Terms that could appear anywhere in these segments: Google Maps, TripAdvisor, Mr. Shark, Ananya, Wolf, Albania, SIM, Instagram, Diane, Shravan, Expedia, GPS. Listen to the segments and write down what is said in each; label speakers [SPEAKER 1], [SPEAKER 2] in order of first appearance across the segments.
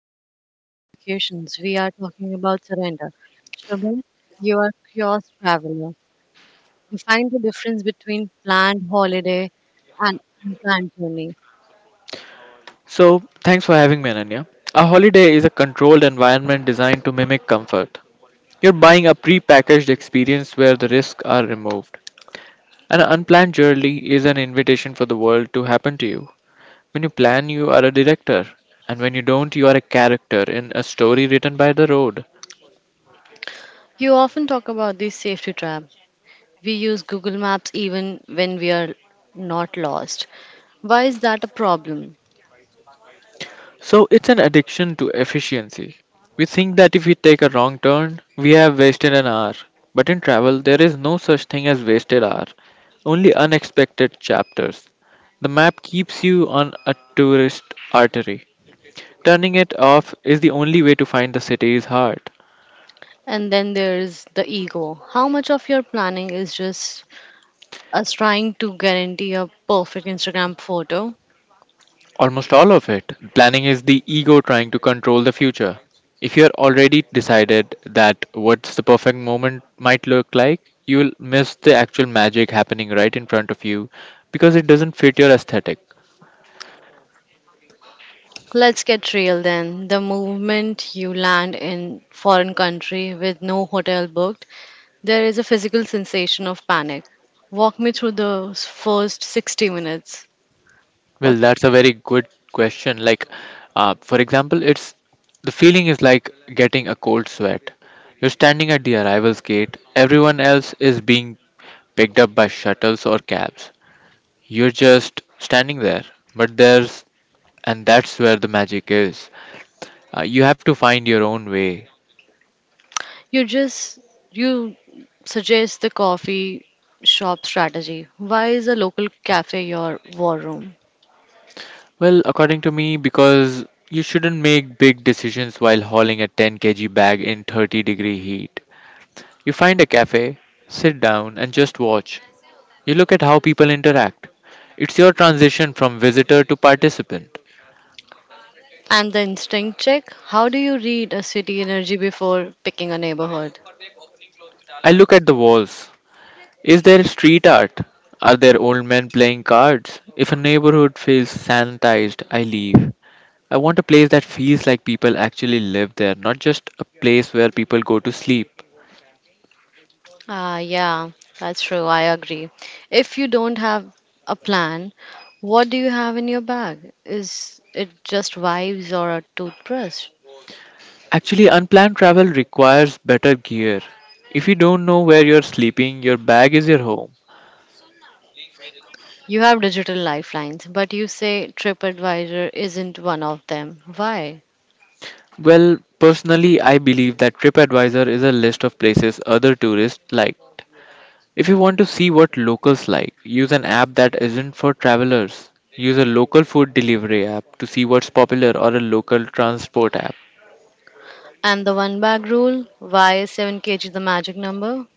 [SPEAKER 1] not talking about the vacations, we are talking about surrender. Shravan, you are a curious traveler. You find the difference between planned holiday and unplanned journey.
[SPEAKER 2] So, thanks for having me, Ananya. A holiday is a controlled environment designed to mimic comfort. You're buying a pre-packaged experience where the risks are removed. An unplanned journey is an invitation for the world to happen to you. When you plan, you are a director, and when you don't, you are a character in a story written by the road.
[SPEAKER 1] You often talk about these safety traps. We use Google Maps even when we are not lost. Why is that a problem?
[SPEAKER 2] So it's an addiction to efficiency. We think that if we take a wrong turn, we have wasted an hour. But in travel, there is no such thing as wasted hour, only unexpected chapters. The map keeps you on a tourist artery. Turning it off is the only way to find the city's heart.
[SPEAKER 1] And then there is the ego. How much of your planning is just us trying to guarantee a perfect Instagram photo?
[SPEAKER 2] Almost all of it. Planning is the ego trying to control the future. If you're already decided that what's the perfect moment might look like, you'll miss the actual magic happening right in front of you because it doesn't fit your aesthetic.
[SPEAKER 1] Let's get real then. The moment you land in foreign country with no hotel booked, there is a physical sensation of panic. Walk me through those first 60 minutes.
[SPEAKER 2] Well,
[SPEAKER 1] What
[SPEAKER 2] that's a very good question. Like, for example, it's the feeling is like getting a cold sweat. You're standing at the arrivals gate, everyone else is being picked up by shuttles or cabs. You're just standing there, but there's and that's where the magic is. You have to find your own way.
[SPEAKER 1] you just you suggest the coffee shop strategy. Why is a local cafe your war room?
[SPEAKER 2] Well, according to me, because you shouldn't make big decisions while hauling a 10 kg bag in 30-degree heat. You find a cafe, sit down, and just watch. You look at how people interact. It's your transition from visitor to participant.
[SPEAKER 1] And the instinct check, how do you read a city energy before picking a neighborhood?
[SPEAKER 2] I look at the walls. Is there street art? Are there old men playing cards? If a neighborhood feels sanitized, I leave. I want a place that feels like people actually live there, not just a place where people go to sleep.
[SPEAKER 1] Ah, yeah, that's true. I agree. If you don't have a plan, what do you have in your bag? Is it just vibes or a toothbrush?
[SPEAKER 2] Actually, unplanned travel requires better gear. If you don't know where you're sleeping, your bag is your home.
[SPEAKER 1] You have digital lifelines, but you say TripAdvisor isn't one of them. Why?
[SPEAKER 2] Well, personally, I believe that TripAdvisor is a list of places other tourists liked. If you want to see what locals like, use an app that isn't for travelers. Use a local food delivery app to see what's popular or a local transport app.
[SPEAKER 1] And the one bag rule? Why is 7 kg the magic number?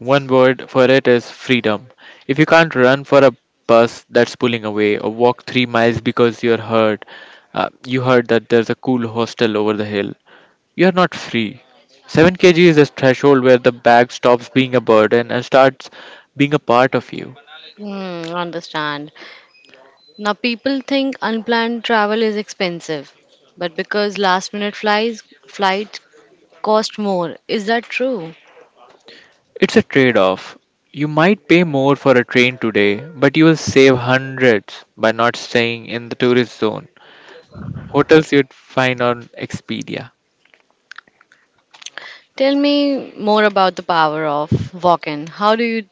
[SPEAKER 2] One word for it is freedom. If you can't run for a bus that's pulling away or walk 3 miles because you're hurt, you heard that there's a cool hostel over the hill, you're not free. 7 kg is a threshold where the bag stops being a burden and starts being a part of you.
[SPEAKER 1] Hmm, understand. Now, people think unplanned travel is expensive, but because last minute flies flight cost more. Is that true?
[SPEAKER 2] It's a trade off. You might pay more for a train today, but you will save hundreds by not staying in the tourist zone. Hotels you'd find on Expedia.
[SPEAKER 1] Tell me more about the power of walk in. How do you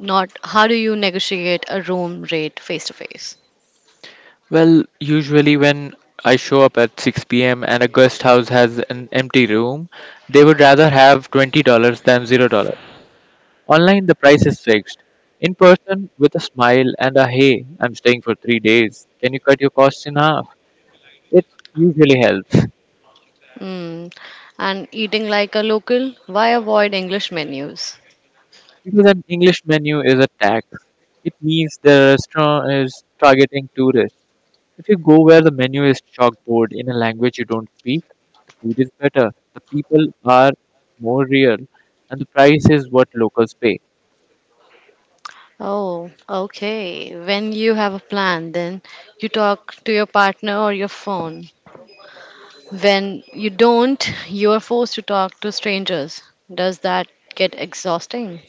[SPEAKER 1] Not how do you negotiate a room rate face to face?
[SPEAKER 2] Well, usually when I show up at 6 p.m. and a guest house has an empty room, they would rather have $20 than $0. Online, the price is fixed. In person, with a smile and a hey, I'm staying for 3 days, can you cut your costs in half? It usually helps.
[SPEAKER 1] Hmm. And eating like a local? Why avoid English menus?
[SPEAKER 2] Because an English menu is a tax, it means the restaurant is targeting tourists. If you go where the menu is chalkboard in a language you don't speak, food is better, the people are more real, and the price is what locals pay.
[SPEAKER 1] Oh, okay. When you have a plan, then you talk to your partner or your phone. When you don't, you are forced to talk to strangers. Does that get exhausting?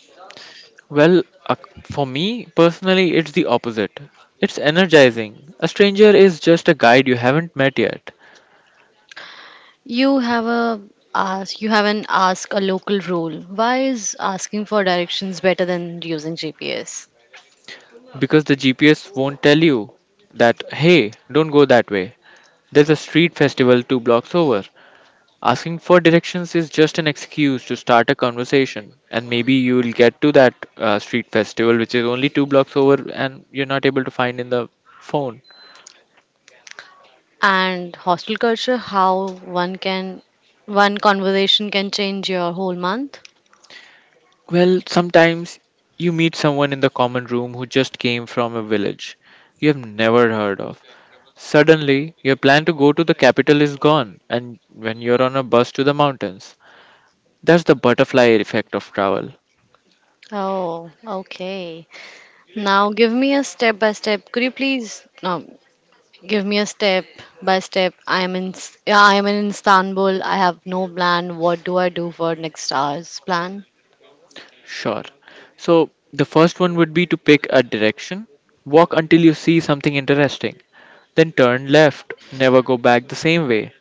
[SPEAKER 2] Well, for me personally, it's the opposite. It's energizing. A stranger is just a guide you haven't met yet.
[SPEAKER 1] You have a you have an ask a local rule. Why is asking for directions better than using GPS?
[SPEAKER 2] Because the GPS won't tell you that, hey, don't go that way. There's a street festival two blocks over. Asking for directions is just an excuse to start a conversation, and maybe you'll get to that street festival which is only two blocks over and you're not able to find in the phone.
[SPEAKER 1] And hostel culture, how one can one conversation can change your whole month?
[SPEAKER 2] Well, sometimes you meet someone in the common room who just came from a village you have never heard of. Suddenly, your plan to go to the capital is gone, and when you're on a bus to the mountains. That's the butterfly effect of travel.
[SPEAKER 1] Oh, okay. now give me a step by step could you please no, Give me a step by step. I am in S- Yeah, I am in Istanbul. I have no plan. What do I do for next hours plan?
[SPEAKER 2] Sure. So, the first one would be to pick a direction, walk until you see something interesting, then turn left, never go back the same way.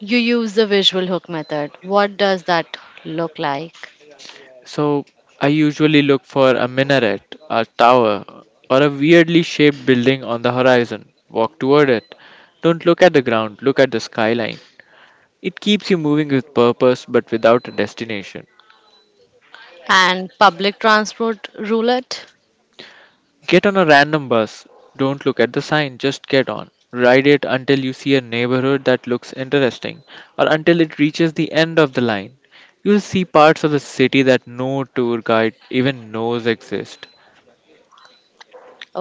[SPEAKER 1] You use the visual hook method. What does that look like?
[SPEAKER 2] So I usually look for a minaret, a tower, or a weirdly shaped building on the horizon. Walk toward it. Don't look at the ground, look at the skyline. It keeps you moving with purpose but without a destination.
[SPEAKER 1] And public transport roulette?
[SPEAKER 2] Get on a random bus. Don't look at the sign, just get on. Ride it until you see a neighborhood that looks interesting or until it reaches the end of the line. You'll see parts of the city that no tour guide even knows exist.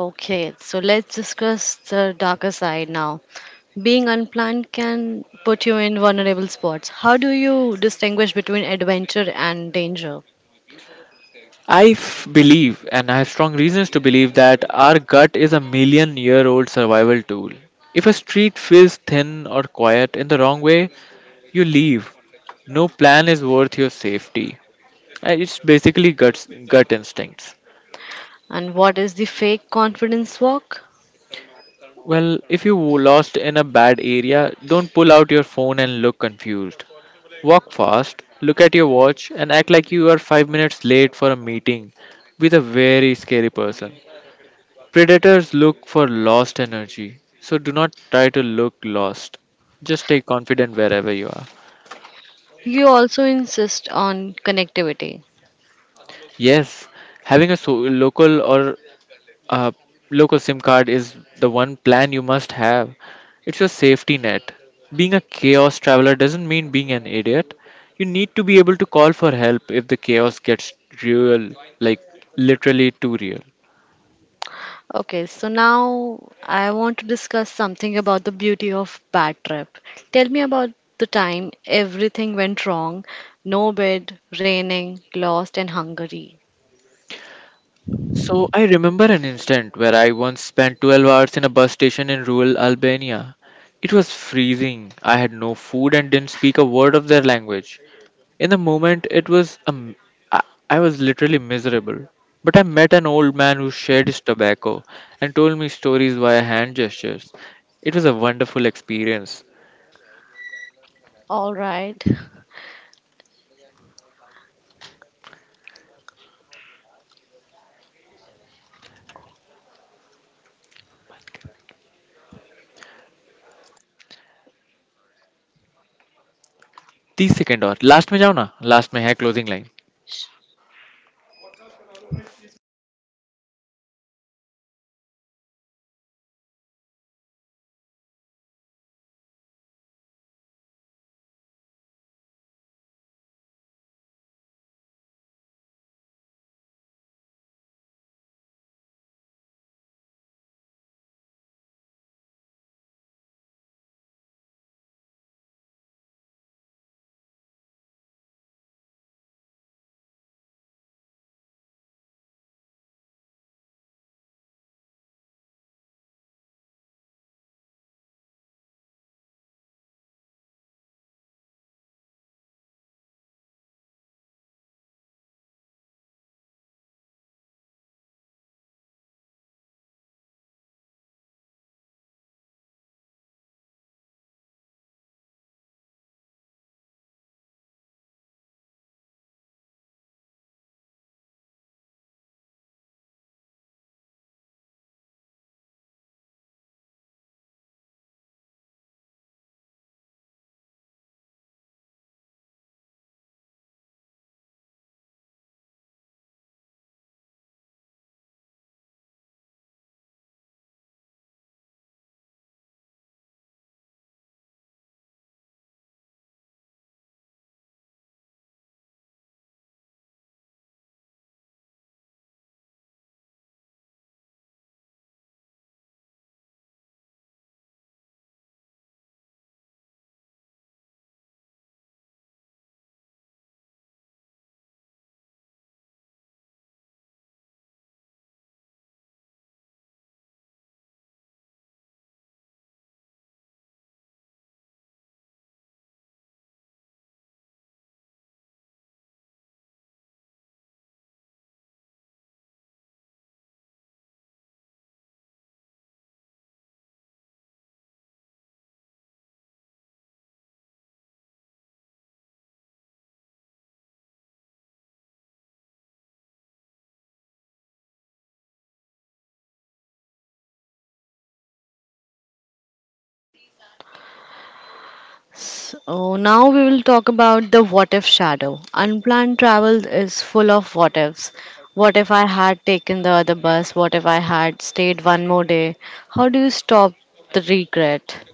[SPEAKER 1] Okay, so let's discuss the darker side now. Being unplanned can put you in vulnerable spots. How do you distinguish between adventure and danger?
[SPEAKER 2] Believe, and I have strong reasons to believe, that our gut is a million year old survival tool. If a street feels thin or quiet in the wrong way, you leave. No plan is worth your safety. It's basically guts, gut instincts.
[SPEAKER 1] And what is the fake confidence walk?
[SPEAKER 2] Well, if you lost in a bad area, don't pull out your phone and look confused. Walk fast, look at your watch, and act like you are 5 minutes late for a meeting with a very scary person. Predators look for lost energy, so do not try to look lost. Just stay confident wherever you are.
[SPEAKER 1] You also insist on connectivity.
[SPEAKER 2] Yes, having a local or a local SIM card is the one plan you must have. It's your safety net. Being a chaos traveler doesn't mean being an idiot. You need to be able to call for help if the chaos gets real, like literally too real.
[SPEAKER 1] Okay, so now I want to discuss something about the beauty of bad trip. Tell me about the time everything went wrong. No bed, raining, lost and hungry.
[SPEAKER 2] So I remember an incident where I once spent 12 hours in a bus station in rural Albania. It was freezing. I had no food and didn't speak a word of their language. In the moment, it was I, I was literally miserable. But I met an old man who shared his tobacco and told me stories via hand gestures. It was a wonderful experience.
[SPEAKER 1] All right.
[SPEAKER 2] 30-second और last में जाओ ना last में है closing line.
[SPEAKER 1] So now we will talk about the what if shadow. Unplanned travel is full of what ifs. What if I had taken the other bus? What if I had stayed one more day? How do you stop the regret?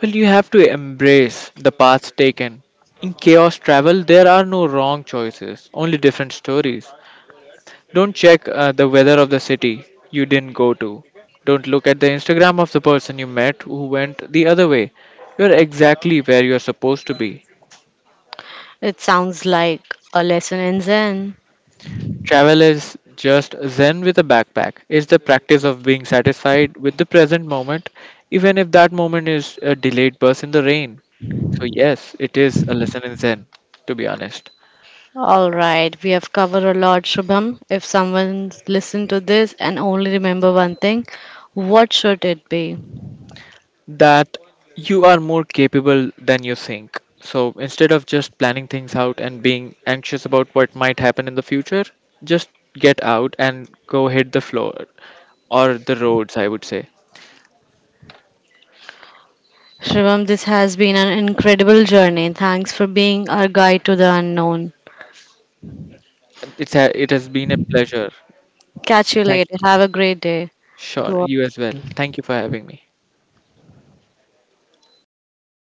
[SPEAKER 2] Well, you have to embrace the paths taken. In chaos travel, there are no wrong choices, only different stories. Don't check the weather of the city you didn't go to. Don't look at the Instagram of the person you met who went the other way. You're exactly where you're supposed to be.
[SPEAKER 1] It sounds like a lesson in Zen.
[SPEAKER 2] Travel is just zen with a backpack. It's the practice of being satisfied with the present moment, even if that moment is a delayed bus in the rain. So, yes, it is a lesson in zen, to be honest.
[SPEAKER 1] All right, we have covered a lot, Shubham. If someone listened to this and only remember one thing, what should it be?
[SPEAKER 2] That you are more capable than you think. So instead of just planning things out and being anxious about what might happen in the future, just get out and go hit the floor or the roads, I would say.
[SPEAKER 1] Shubham, this has been an incredible journey. Thanks for being our guide to the unknown.
[SPEAKER 2] It has been a pleasure.
[SPEAKER 1] Catch you
[SPEAKER 2] Thank
[SPEAKER 1] later. Have a great day to
[SPEAKER 2] Sure,
[SPEAKER 1] all.
[SPEAKER 2] you as well. Thank you for having me.